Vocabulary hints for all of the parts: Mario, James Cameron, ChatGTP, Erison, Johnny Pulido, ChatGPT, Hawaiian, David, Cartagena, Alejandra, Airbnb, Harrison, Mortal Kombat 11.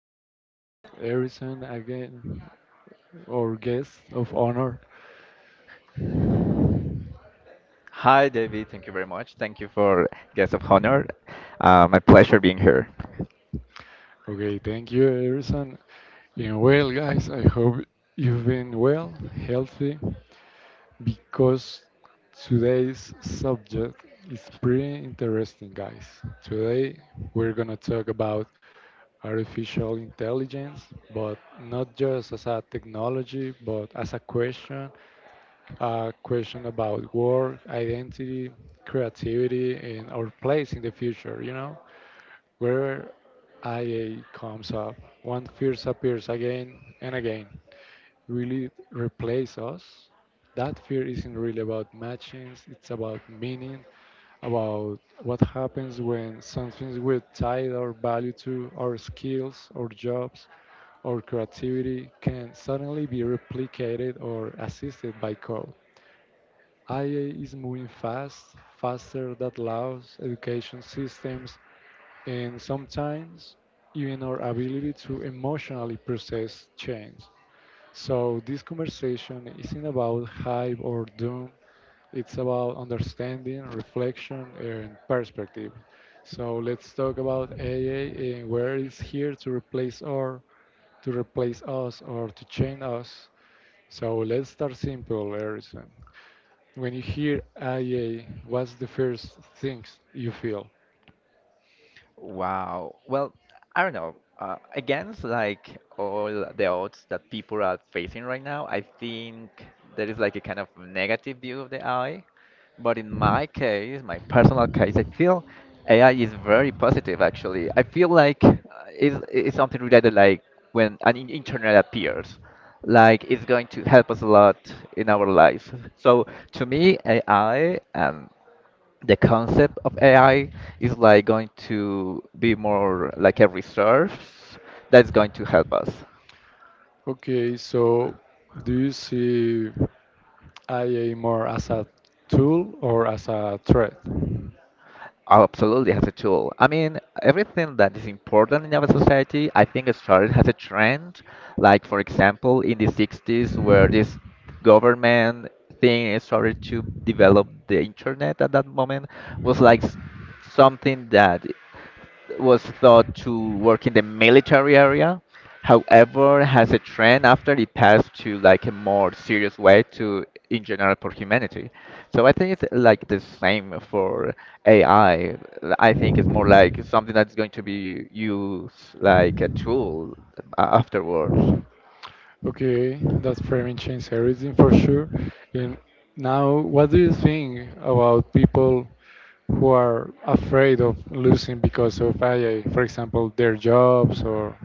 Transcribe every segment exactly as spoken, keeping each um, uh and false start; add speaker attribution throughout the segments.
Speaker 1: here with Erison again, our guest of honor.
Speaker 2: Hi, David. Thank you very much. Thank you for guest of honor. Uh, my pleasure being here.
Speaker 1: Okay, thank you, Erison. And well, guys, I hope you've been well, healthy, because today's subject is pretty interesting, guys. Today, we're gonna talk about artificial intelligence, but not just as a technology, but as a question a question about work, identity, creativity, and our place in the future, you know? Wherever I A comes up, one fear appears again and again. Will it replace us? That fear isn't really about matchings, it's about meaning, about what happens when something we tie our value to, our skills, our jobs, our creativity can suddenly be replicated or assisted by code. A I is moving fast, faster than laws, education systems, and sometimes even our ability to emotionally process change. So, this conversation isn't about hype or doom, it's about understanding, reflection, and perspective. So, let's talk about A I and where it's here to replace or to replace us or to change us. So, let's start simple, Harrison. When you hear I A, what's the first things you feel?
Speaker 2: Wow. Well, I don't know. Uh, against like all the odds that people are facing right now, I think there is like a kind of negative view of the A I. But in my case, my personal case, I feel A I is very positive actually. I feel like uh, it's, it's something related like when an in- internet appears, like it's going to help us a lot in our lives. So to me, A I and the concept of A I is like going to be more like a resource that's going to help us.
Speaker 1: Okay, so do you see I A more as a tool or as a threat?
Speaker 2: Absolutely, as a tool. I mean, everything that is important in our society, I think it started as a trend. Like, for example, in the sixties, where this government thing started to develop the internet at that moment, was like s- something that was thought to work in the military area. However, as a trend after it passed to like a more serious way to in general for humanity. So I think it's like the same for A I. I I think it's more like something that's going to be used like a tool a- afterwards.
Speaker 1: Okay, that framing changed everything for sure. And now, what do you think about people who are afraid of losing because of I A, for example, their jobs or—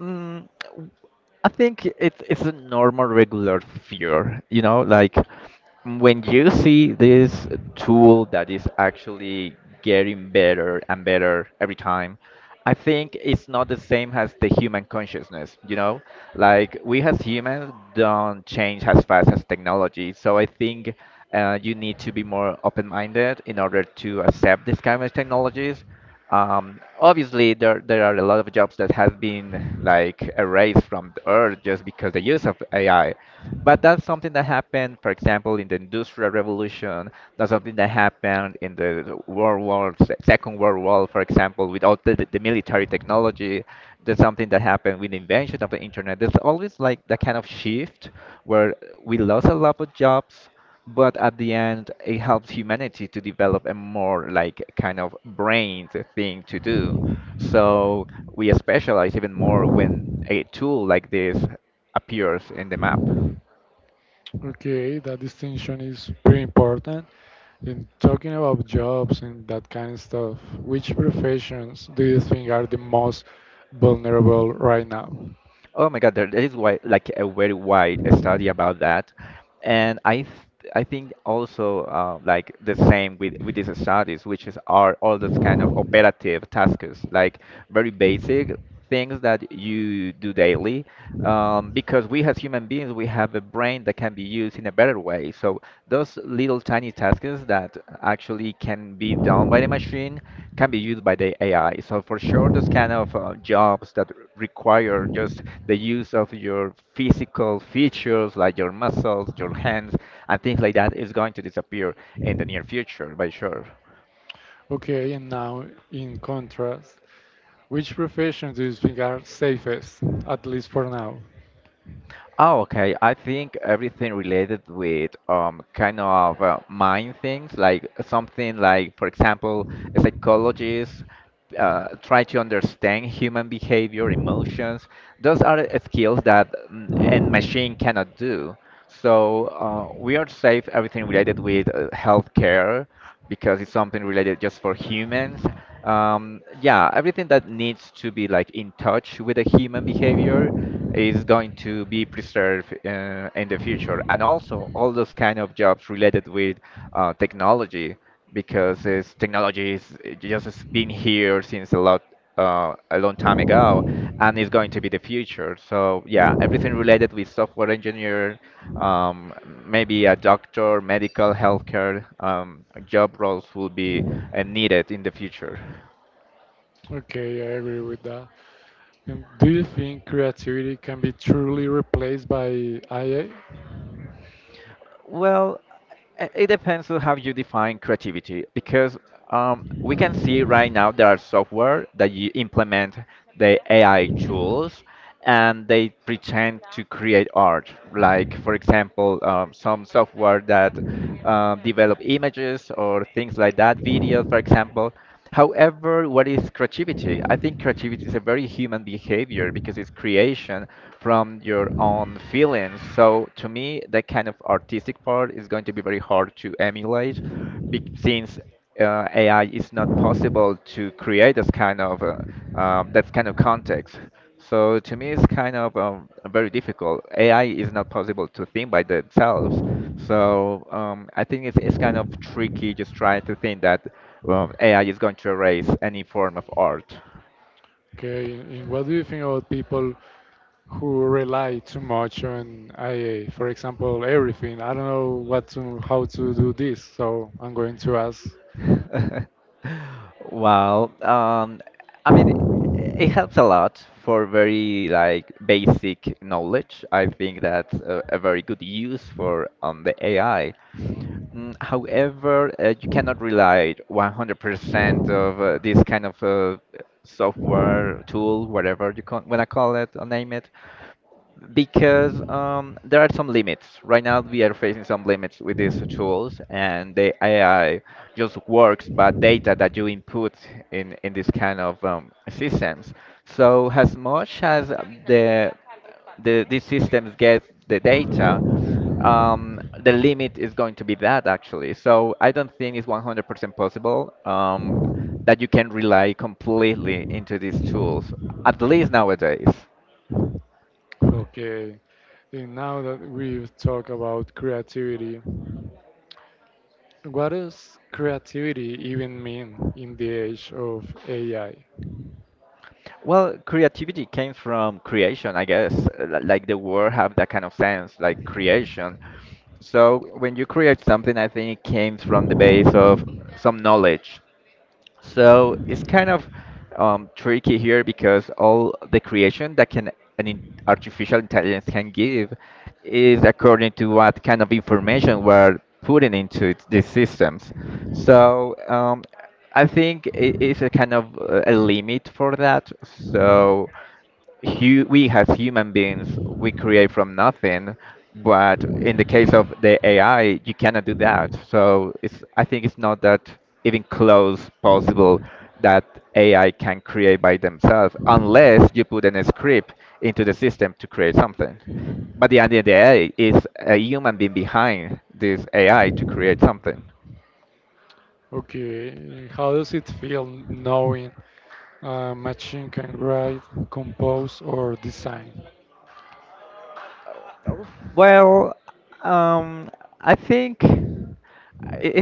Speaker 2: Mm, I think it's it's a normal, regular fear. You know, like when you see this tool that is actually getting better and better every time, I think it's not the same as the human consciousness. You know, like we as humans don't change as fast as technology. So I think uh, you need to be more open-minded in order to accept these kind of technologies. Um, obviously, there there are a lot of jobs that have been like erased from the earth just because the use of A I. But that's something that happened, for example, in the Industrial Revolution. That's something that happened in the World War, Se- Second World War, for example, with all the, the military technology. There's something that happened with the invention of the internet. There's always like that kind of shift where we lost a lot of jobs, but at the end it helps humanity to develop a more like kind of brain thing to do. So we specialize even more when a tool like this appears in the map.
Speaker 1: Okay, that distinction is very important. In talking about jobs and that kind of stuff, which professions do you think are the most vulnerable right now?
Speaker 2: Oh my God, there, there is wide, like a very wide study about that, and I th I think also uh, like the same with with these studies, which is are all those kind of operative tasks, like very basic things that you do daily, um, because we as human beings we have a brain that can be used in a in a better way. So those little tiny tasks that actually can be done by the machine can be used by the A I. So for sure, those kind of uh, jobs that require just the use of your physical features like your muscles, your hands, and things like that is going to disappear in the near future, by sure.
Speaker 1: Okay, and now in contrast, which professions do you think are safest, at least for now?
Speaker 2: Oh, okay. I think everything related with um kind of uh, mind things, like something like, for example, psychologists uh, try to understand human behavior, emotions. Those are uh, skills that mm, and machine cannot do. So uh, we are safe everything related with uh, healthcare because it's something related just for humans. Um, yeah, everything that needs to be like in touch with the human behavior is going to be preserved uh, in the future, and also all those kind of jobs related with uh, technology, because it's, technology is it just has been here since a lot uh, a long time ago, and is going to be the future. So yeah, everything related with software engineer, um, maybe a doctor, medical, healthcare um, job roles will be uh, needed in the future?
Speaker 1: Okay, I agree with that. And do you think creativity can be truly replaced by A I?
Speaker 2: Well, i- it depends on how you define creativity because um, we can see right now there are software that you implement the A I tools and they pretend to create art. Like, for example, um, some software that um, develop images or things like that, videos, for example. However, what is creativity? I think creativity is a very human behavior because it's creation from your own feelings. So to me, that kind of artistic part is going to be very hard to emulate be- since uh, A I is not possible to create this kind of uh, um, that kind of context. So to me, it's kind of um, very difficult. A I is not possible to think by themselves. So um, I think it's, it's kind of tricky just trying to think that um, A I is going to erase any form of art.
Speaker 1: Okay, and what do you think about people who rely too much on I A. For example, everything. I don't know what to, how to do this, so I'm going to ask.
Speaker 2: Well, um, I mean, it helps a lot for very like basic knowledge. I think that's a, a very good use for um, the A I. Mm, However, uh, you cannot rely one hundred percent of uh, this kind of uh, software tool, whatever you want to call it or name it, because um, there are some limits. Right now, we are facing some limits with these tools, and the A I just works by data that you input in, in this kind of um, systems. So, as much as the, the these systems get the data, um, the limit is going to be that actually. So, I don't think it's one hundred percent possible, um, that you can rely completely into these tools, at least nowadays.
Speaker 1: Okay, and now that we've talked about creativity, what does creativity even mean in the age of A I?
Speaker 2: Well, creativity came from creation, I guess. Li- Like the word have that kind of sense, like creation. So when you create something, I think it came from the base of some knowledge. So it's kind of um, tricky here because all the creation that can an in- artificial intelligence can give is according to what kind of information we're putting into it- these systems. So um, I think it is a kind of uh, a limit for that. So hu we as human beings we create from nothing, but in the case of the AI you cannot do that. So it's, I think it's not that even close possible that AI can create by themselves unless you put in a script into the system to create something. But the idea of the AI is a human being behind this AI to create something.
Speaker 1: Okay, how does it feel knowing a machine can write, compose, or design?
Speaker 2: Well, um I think, i-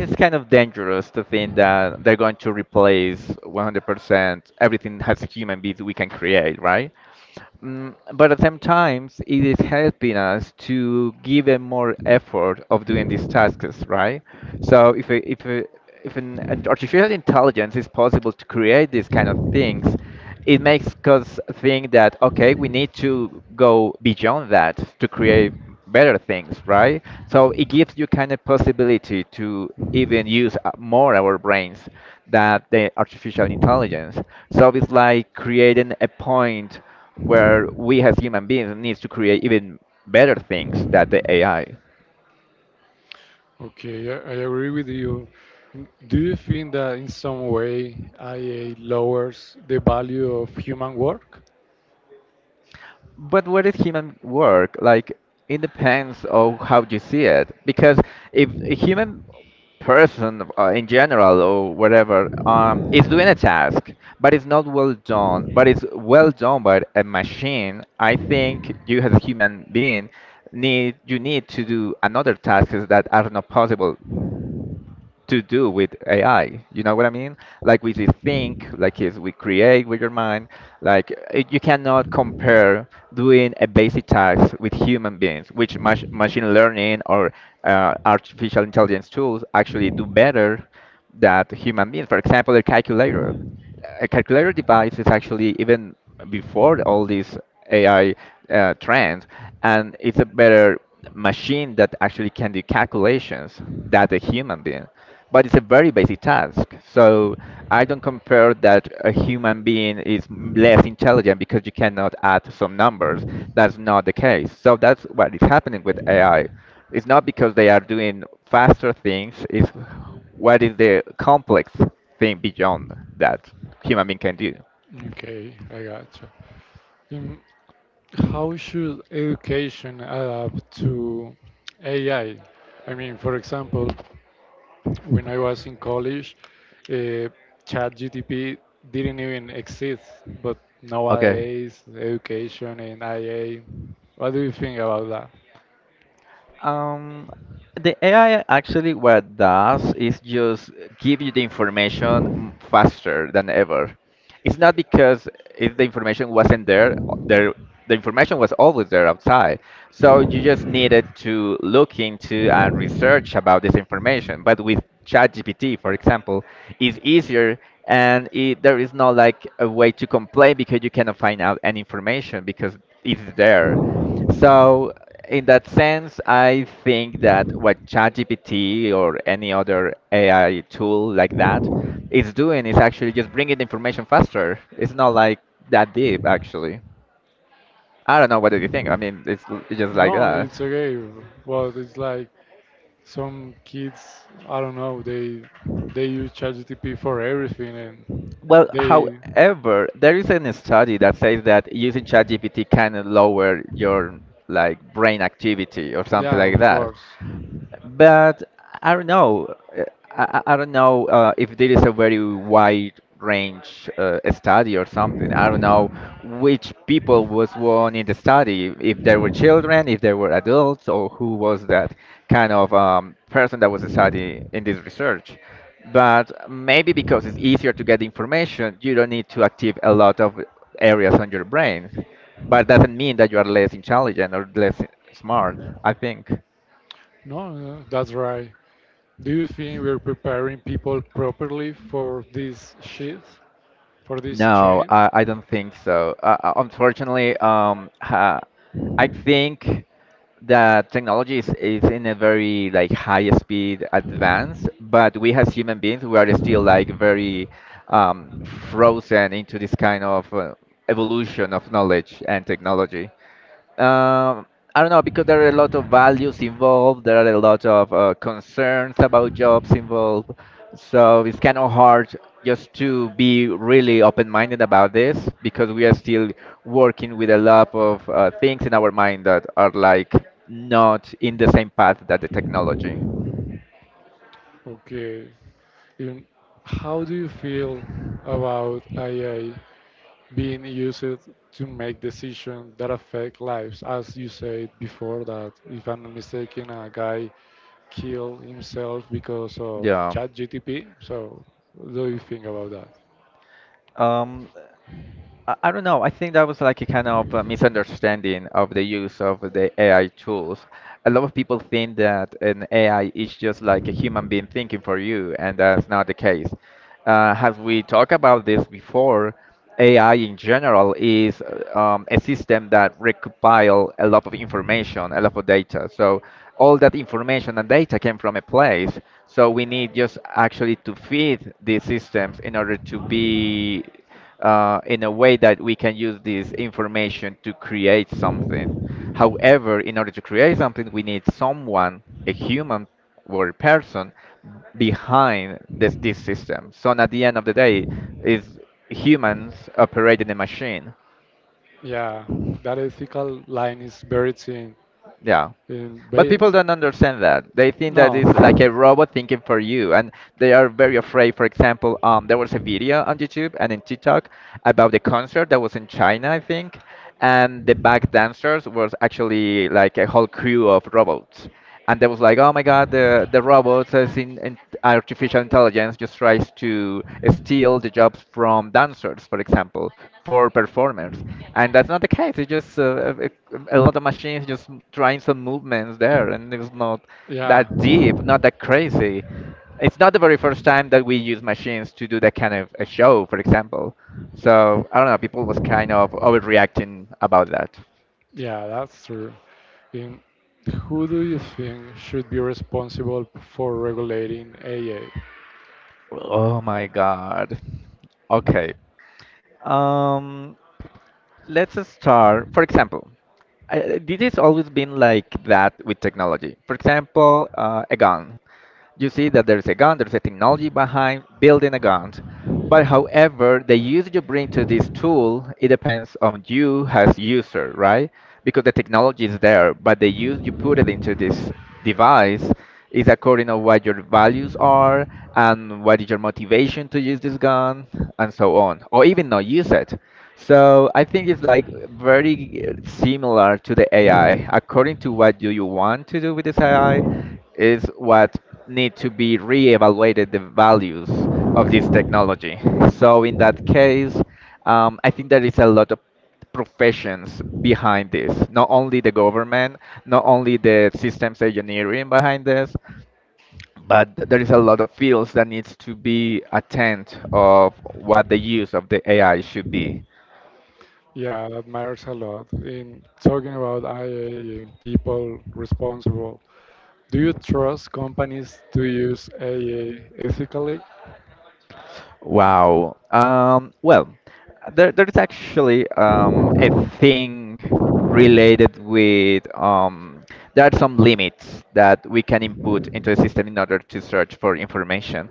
Speaker 2: it's kind of dangerous to think that they're going to replace one hundred percent everything as human beings we can create, right? Mm, but at the same time, it is helping us to give a more effort of doing these tasks, right? So if a, if a, if an, an artificial intelligence is possible to create these kind of things, it makes us think that okay, we need to go beyond that to create better things, right? So it gives you kind of possibility to even use uh, more our brains than the artificial intelligence. So it's like creating a point where we as human beings need to create even better things than the AI.
Speaker 1: Okay, I, I agree with you. N- Do you think that in some way I A lowers the value of human work?
Speaker 2: But where is human work? Like, it depends on how you see it. Because if a human person uh, in general or whatever um, is doing a task, but it's not well done, but it's well done by a machine, I think you as a human being need you need to do another tasks that are not possible to do with A I. You know what I mean? Like we just think, like is we create with your mind. Like uh, you cannot compare doing a basic task with human beings, which mach- machine learning or uh, artificial intelligence tools actually do better that human beings. For example, a calculator. A calculator device is actually even before all these A I uh, trends, and it's a better machine that actually can do calculations than a human being. But it's a very basic task. So I don't compare that a human being is m- less intelligent because you cannot add some numbers. That's not the case. So that's what is happening with A I. It's not because they are doing faster things. It's what is the complex thing beyond that human being can do?
Speaker 1: Okay, I gotcha. Um, how should education adapt to A I? I I mean, for example, when I was in college, uh, ChatGTP didn't even exist, but
Speaker 2: Okay.
Speaker 1: nowadays, education and I A. What do you think about that?
Speaker 2: Um, the A I actually what does is just give you the information m- faster than ever. It's not because if the information wasn't there, o- there the information was always there outside. So you just needed to look into and research about this information. But with ChatGPT, for example, is easier and it, there is no like a way to complain because you cannot find out any information because it's there. So, in that sense, I think that what ChatGPT or any other A I tool like that is doing is actually just bringing the information faster. It's not like that deep, actually. I don't know. What do you think? I mean, it's l- just like
Speaker 1: No,
Speaker 2: that.
Speaker 1: it's okay, but it's like some kids, I don't know, they they use ChatGPT for everything, and
Speaker 2: Well,
Speaker 1: they
Speaker 2: however, there is a study that says that using ChatGPT can lower your like brain activity or something
Speaker 1: yeah,
Speaker 2: like
Speaker 1: of
Speaker 2: that.
Speaker 1: course.
Speaker 2: But I don't know. uh, I, I I don't know, uh, if there is a very wide range uh, study or something. I don't know which people was won in the study. If there were children, if there were adults, or who was that kind of um, person that was studying in this research. But maybe because it's easier to get information, you don't need to activate a lot of areas on your brain. But doesn't mean that you are less intelligent or less smart, I think.
Speaker 1: No, no, that's right. Do you think we're preparing people properly for this shift, for this
Speaker 2: No,
Speaker 1: change?
Speaker 2: I, I don't think so. Uh, uh, unfortunately, um, ha, I think that technology is, is in a very like high speed advance, but we as human beings, we are still like very um, frozen into this kind of uh, evolution of knowledge and technology. Um, I don't know because there are a lot of values involved. There are a lot of uh, concerns about jobs involved, so it's kind of hard just to be really open-minded about this because we are still working with a lot of uh, things in our mind that are like not in the same path that the technology.
Speaker 1: Okay. Um, How do you feel about A I being used to make decisions that affect lives. As you said before, that if I'm not mistaken, a guy killed himself because of
Speaker 2: Yeah.
Speaker 1: ChatGTP. So, what do you think about that?
Speaker 2: Um, I I don't know. I think that was like a kind of a misunderstanding of the use of the A I tools. A lot of people think that an A I is just like a human being thinking for you, and that's not the case. Uh, as we talked about this before, A I in general is uh, um, a system that recompile a lot of information, a lot of data. So all that information and data came from a place. So we need just actually to feed these systems in order to be uh, in a way that we can use this information to create something. However, in order to create something, we need someone, a human or a person, behind this, this system. So, at the end of the day, is humans operating a machine?
Speaker 1: Yeah, that ethical line is buried in
Speaker 2: Yeah.
Speaker 1: in
Speaker 2: But people
Speaker 1: base.
Speaker 2: don't understand that. They think that
Speaker 1: No,
Speaker 2: it's like a robot thinking for you, and they are very afraid. For example, um, there was a video on YouTube and in TikTok about the concert that was in China, I think, and the back dancers was actually like a whole crew of robots, and they was like, "Oh my God, the the robots is in, in artificial intelligence just tries to steal the jobs from dancers, for example, for performers, and that's not the case. It's just uh, a, a lot of machines just trying some movements there, and it's not
Speaker 1: yeah,
Speaker 2: that deep, not that crazy. It's not the very first time that we use machines to do that kind of a show, for example. So I don't know. People was kind of overreacting about that.
Speaker 1: yeah, that's true. In Who do you think should be responsible for regulating A I?
Speaker 2: Oh my God. Okay. Um, let's start. For example, I, this has always been like that with technology. For example, uh, a gun, you see that there's a gun, there's a technology behind building a gun. But however, the use you bring to this tool, it depends on you as user, right? Because the technology is there, but the use you put it into this device is according to what your values are and what is your motivation to use this gun and so on, or even not use it. So I think it's like very similar to the A I. According to what do you want to do with this A I, is what need to be reevaluated the values of this technology. So in that case, um, I think there is a lot of professions behind this. Not only the government, not only the systems engineering behind this, but there is a lot of fields that needs to be attent of what the use of the A I should be.
Speaker 1: Yeah, that matters a lot. In talking about I A and people responsible, do you trust companies to use A A ethically?
Speaker 2: Wow. Um, well, there, there's actually um, a thing related with um, there are some limits that we can input into a system in order to search for information.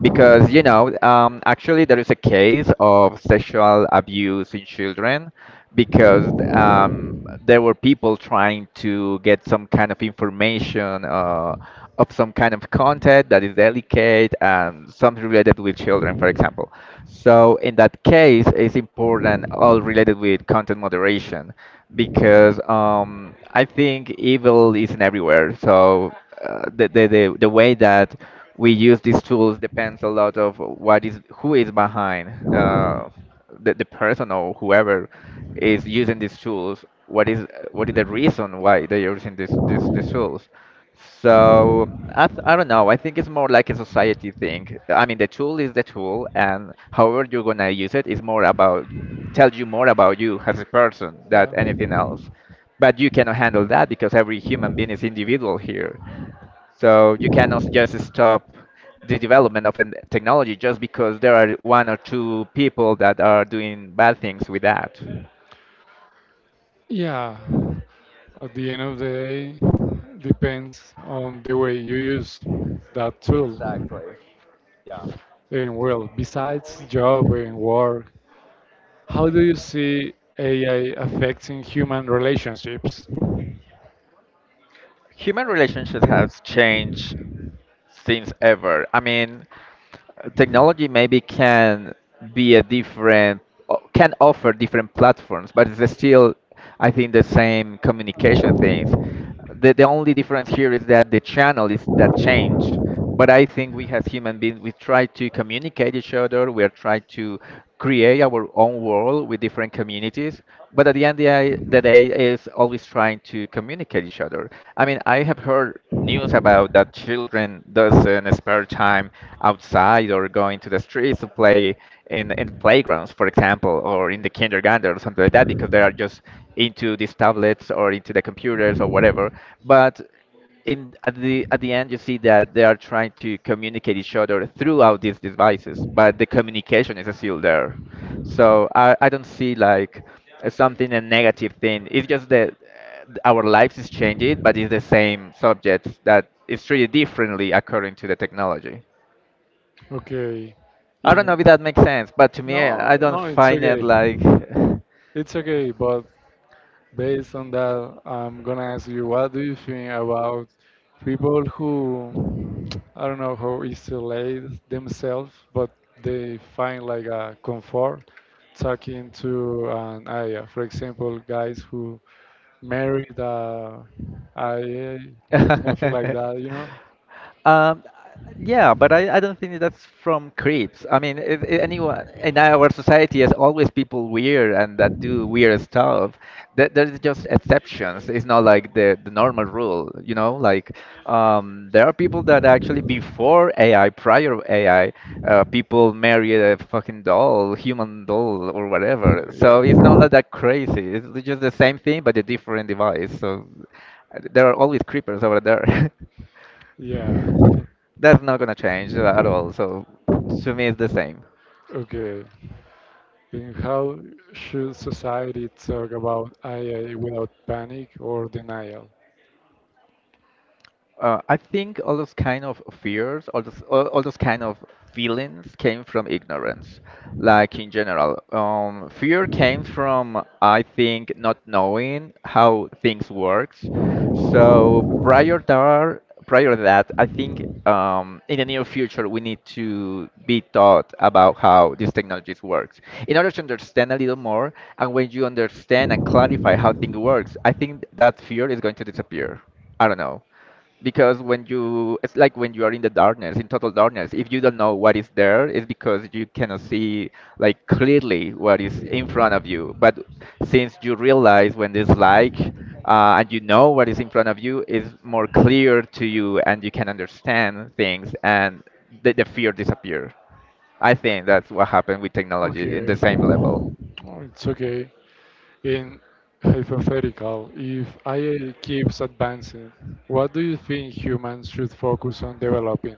Speaker 2: Because, you know, um, actually there is a case of sexual abuse in children because um, there were people trying to get some kind of information uh, of some kind of content that is delicate and something related with children, for example. So in that case, it's important all related with content moderation because um, I think evil isn't everywhere. So uh, the, the the the way that we use these tools depends a lot of what is who is behind. Uh, the, the person or whoever is using these tools, what is what is the reason why they are using these these, these tools. So I, th- I don't know. I think it's more like a society thing. I mean, the tool is the tool, and however you're gonna use it is more about tell you more about you as a person than
Speaker 1: Yeah.
Speaker 2: anything else, but you cannot handle that because every human being is individual here, so you cannot just stop the development of a technology just because there are one or two people that are doing bad things with that.
Speaker 1: Yeah. At the end of the day, depends on the way you use that tool.
Speaker 2: Exactly. Yeah.
Speaker 1: And well, besides job and work, how do you see A I affecting human relationships?
Speaker 2: Human relationship has changed since ever. I mean, technology maybe can be a different o- can offer different platforms, but it's still, I think, the same communication things. The, the only difference here is that the channel is that change. But I think we as human beings, we try to communicate each other. We are trying to create our own world with different communities. But at the end of the day, the day, is always trying to communicate each other. I mean, I have heard news about that children doesn't spare time outside or going to the streets to play in in the playgrounds, for example, or in the kindergarten or something like that, because they are just into these tablets or into the computers or whatever. But in at the at the end you see that they are trying to communicate each other throughout these devices, but the communication is still there. So i, I don't see like uh, something a negative thing. It's just that uh, our lives is changing, but it's the same subject that is treated differently according to the technology.
Speaker 1: Okay.
Speaker 2: I don't know
Speaker 1: In,
Speaker 2: if that makes sense, but to me i,
Speaker 1: no,
Speaker 2: I don't
Speaker 1: no, it's
Speaker 2: find it
Speaker 1: okay.
Speaker 2: like
Speaker 1: It's okay, but based on that, I'm gonna ask you, what do you think about people who, I don't know, how isolate themselves, but they find like a comfort talking to an I A? For example, guys who married a I A, something like that, you know?
Speaker 2: Um, yeah, but I, I don't think that's from creeps. I mean, if, if anyone in our society has always people weird and that do weird stuff. That there's just exceptions. It's not like the, the normal rule, you know? Like, um, there are people that actually before A I, prior A I, uh, people marry a fucking doll, human doll or whatever. So
Speaker 1: Yeah.
Speaker 2: it's not like that crazy. It's just the same thing, but a different device. So uh, there are always creepers over there.
Speaker 1: Yeah.
Speaker 2: That's not gonna change at all. So to me, it's the same.
Speaker 1: Okay. Then how should society talk about I A without panic or denial?
Speaker 2: Uh, I think all those kind of fears, all those all, all those kind of feelings came from ignorance, like in general. Um, fear came from, I think, not knowing how things works. So prior that, prior to that, I think um, in the near future we need to be taught about how these technologies works in order to understand a little more. And when you understand and clarify how things works, I think that fear is going to disappear. I don't know, because when you it's like when you are in the darkness, in total darkness, if you don't know what is there, it's because you cannot see like clearly what is in front of you, but since you realize when there's like uh, and you know what is in front of you, is more clear to you and you can understand things, and the, the fear disappears. I think that's what happened with technology in the
Speaker 1: Okay,
Speaker 2: same level.
Speaker 1: oh, it's okay. In hypothetical, if A I keeps advancing, what do you think humans should focus on developing?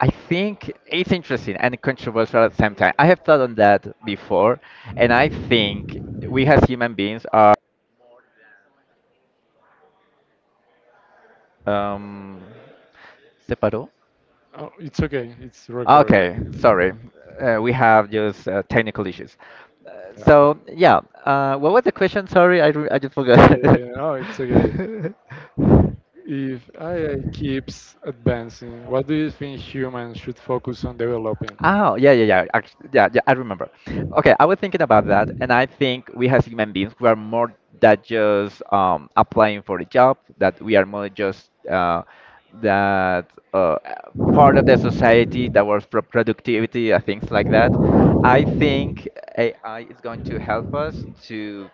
Speaker 2: I think it's interesting and controversial at the same time. I have thought on that before, and I think we as human beings are. Um, ¿Se
Speaker 1: Oh, it's okay, it's recording.
Speaker 2: Okay, sorry. Uh, we have just uh, technical issues. So,
Speaker 1: Yeah.
Speaker 2: yeah, uh, what was the question? Sorry, I, re- I just forgot.
Speaker 1: Uh, oh, it's okay. If A I keeps advancing, what do you think humans should focus on developing?
Speaker 2: Oh, yeah, yeah, yeah. Act- yeah, yeah, I remember. Okay, I was thinking about that, and I think we as human beings, we are more than just um, applying for a job, that we are more just uh, that uh, part of the society that works for productivity and things like that. I think A I is going to help us to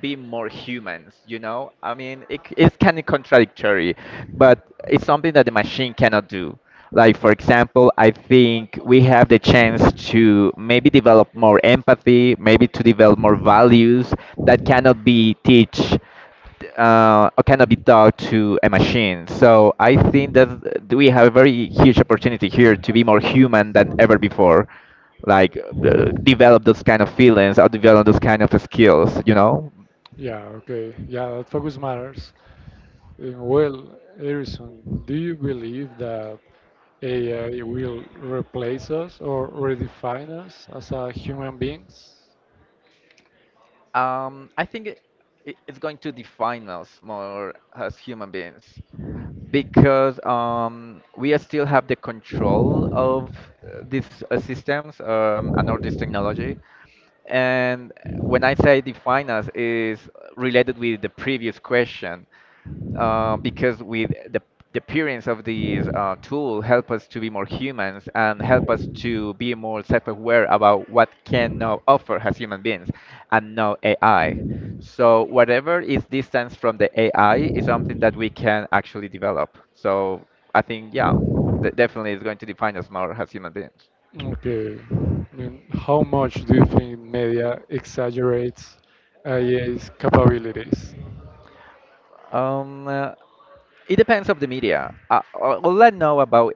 Speaker 2: be more humans, you know? I mean, it, it's kind of contradictory, but it's something that the machine cannot do. Like, for example, I think we have the chance to maybe develop more empathy, maybe to develop more values that cannot be teach uh, or cannot be taught to a machine. So I think that th- we have a very huge opportunity here to be more human than ever before. Like uh, develop those kind of feelings or develop those kind of skills, you know?
Speaker 1: Yeah, okay. Yeah, that focus matters. Uh, Well, Harrison, do you believe that A I will replace us or redefine us as a human beings?
Speaker 2: Um, I think it, it- it's going to define us more as human beings because um, we still have the control of uh, these uh, systems, um, and all this technology. And when I say define us, is related with the previous question uh, because with the, the appearance of these uh, tool help us to be more humans and help us to be more self-aware about what can now offer as human beings and now A I. So whatever is distance from the A I is something that we can actually develop. So I think, yeah, de- definitely is going to define us more as human beings.
Speaker 1: Okay. I mean, how much do you think media exaggerates A I's capabilities?
Speaker 2: Um, uh, It depends of the media. Uh, all all I know about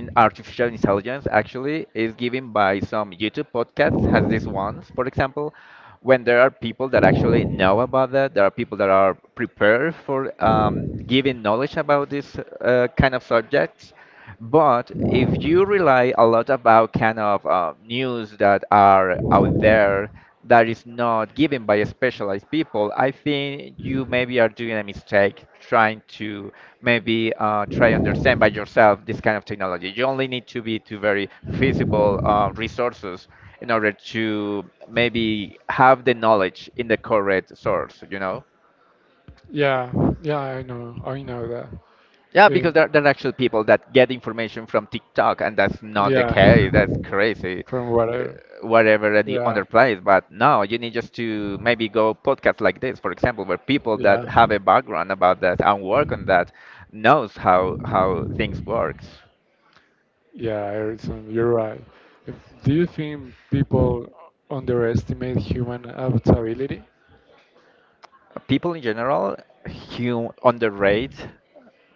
Speaker 2: in artificial intelligence actually is given by some YouTube podcasts has this ones, for example, when there are people that actually know about that, there are people that are prepared for um, giving knowledge about this uh, kind of subjects. But if you rely a lot about kind of uh, news that are out there that is not given by specialized people, I think you maybe are doing a mistake trying to maybe uh, try understand by yourself this kind of technology. You only need to be to very feasible uh, resources in order to maybe have the knowledge in the correct source, you know?
Speaker 1: Yeah, yeah, I know, I know that.
Speaker 2: Yeah, because
Speaker 1: Um,
Speaker 2: there, there are actual people that get information from TikTok, and that's not the
Speaker 1: yeah,
Speaker 2: case. That's crazy.
Speaker 1: from
Speaker 2: Uh,
Speaker 1: whatever.
Speaker 2: Whatever any
Speaker 1: Yeah,
Speaker 2: other place, but no, you need just to maybe go podcasts like this, for example, where people
Speaker 1: yeah.
Speaker 2: that have a background about that and work on that knows how how things works.
Speaker 1: Yeah, Erickson, you're right. If- Do you think people underestimate human adaptability?
Speaker 2: People in general, hum underrate.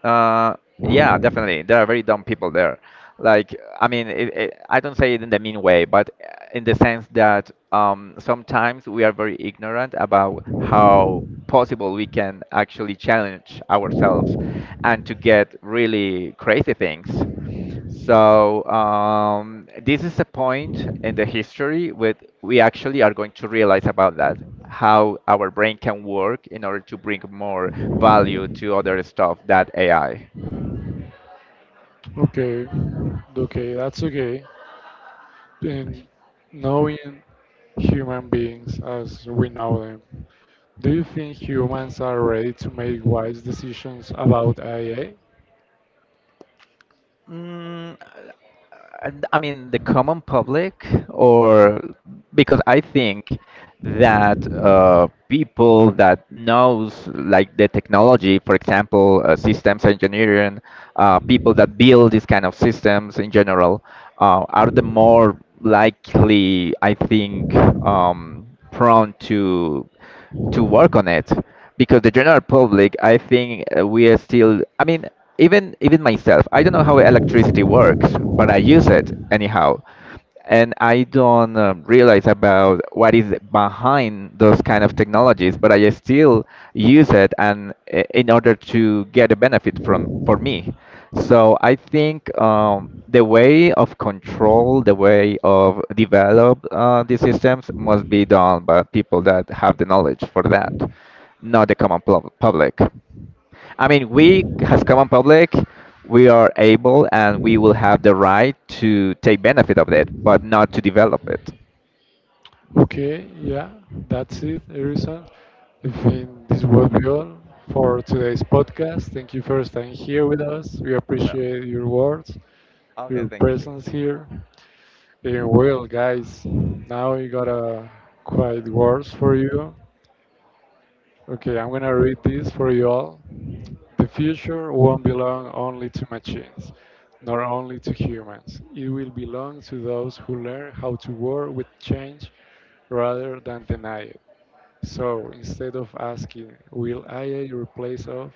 Speaker 2: Uh, yeah, definitely, there are very dumb people there. Like, I mean, it, it, I don't say it in the mean way, but uh, in the sense that um, sometimes we are very ignorant about how possible we can actually challenge ourselves and to get really crazy things. So um, this is a point in the history with we actually are going to realize about that, how our brain can work in order to bring more value to other stuff that A I.
Speaker 1: Okay, okay, that's okay. In knowing human beings as we know them, do you think humans are ready to make wise decisions about A I?
Speaker 2: Mm, I I mean, the common public, or because I think that uh, people that knows like the technology, for example, uh, systems engineering, uh, people that build these kind of systems in general, uh, are the more likely, I think, um, prone to to work on it because the general public, I think, uh, we are still, I mean, even even myself, I don't know how electricity works, but I use it anyhow, and I don't um, realize about what is behind those kind of technologies, but I still use it and i- in order to get a benefit from for me. So I think um, the way of control, the way of develop uh, these systems must be done by people that have the knowledge for that, not the common pub- public. I mean, we as common public, we are able and we will have the right to take benefit of it, but not to develop it.
Speaker 1: Okay, yeah, that's it, Erison. I think this will be all for today's podcast. Thank you for staying here with us. We
Speaker 2: Well,
Speaker 1: appreciate your words,
Speaker 2: okay,
Speaker 1: your
Speaker 2: thank you.
Speaker 1: presence here. And well, guys, now we got a quiet words for you. Okay, I'm gonna read this for you all. The future won't belong only to machines, nor only to humans. It will belong to those who learn how to work with change rather than deny it. So instead of asking, will A I replace us?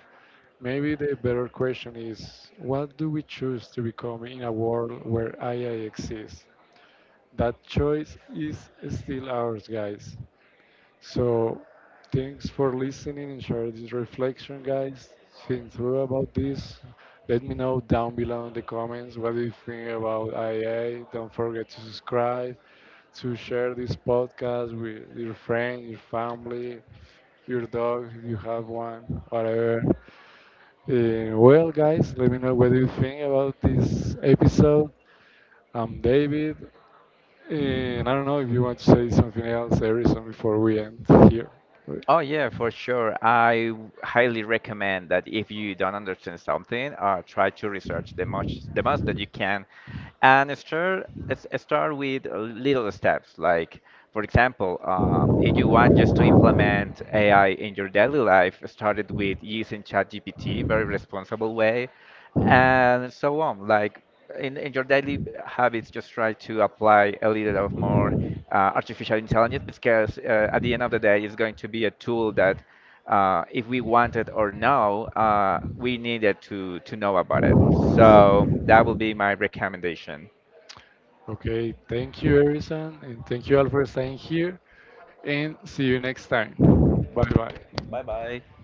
Speaker 1: Maybe the better question is, what do we choose to become in a world where A I exists? That choice is still ours, guys. So, thanks for listening and share this reflection, guys. Think through about this. Let me know down below in the comments what you think about I A. Don't forget to subscribe, to share this podcast with your friend, your family, your dog if you have one, whatever. Uh, well, guys, let me know what you think about this episode. I'm David. And I don't know if you want to say something else, Harrison, before we end here. Wait.
Speaker 2: Oh yeah, for sure. I w- highly recommend that if you don't understand something, uh, try to research the much the most that you can, and start s- start with uh, little steps. Like for example, uh, if you want just to implement A I in your daily life, start it with using ChatGPT, very responsible way and so on. Like in, in your daily b- habits, just try to apply a little of more uh, artificial intelligence because uh, at the end of the day, it's going to be a tool that uh, if we want it or no, uh, we needed to to know about it. So that will be my recommendation.
Speaker 1: Okay, thank you, Harrison, and thank you all for staying here, and see you next time. Bye bye.
Speaker 2: Bye bye.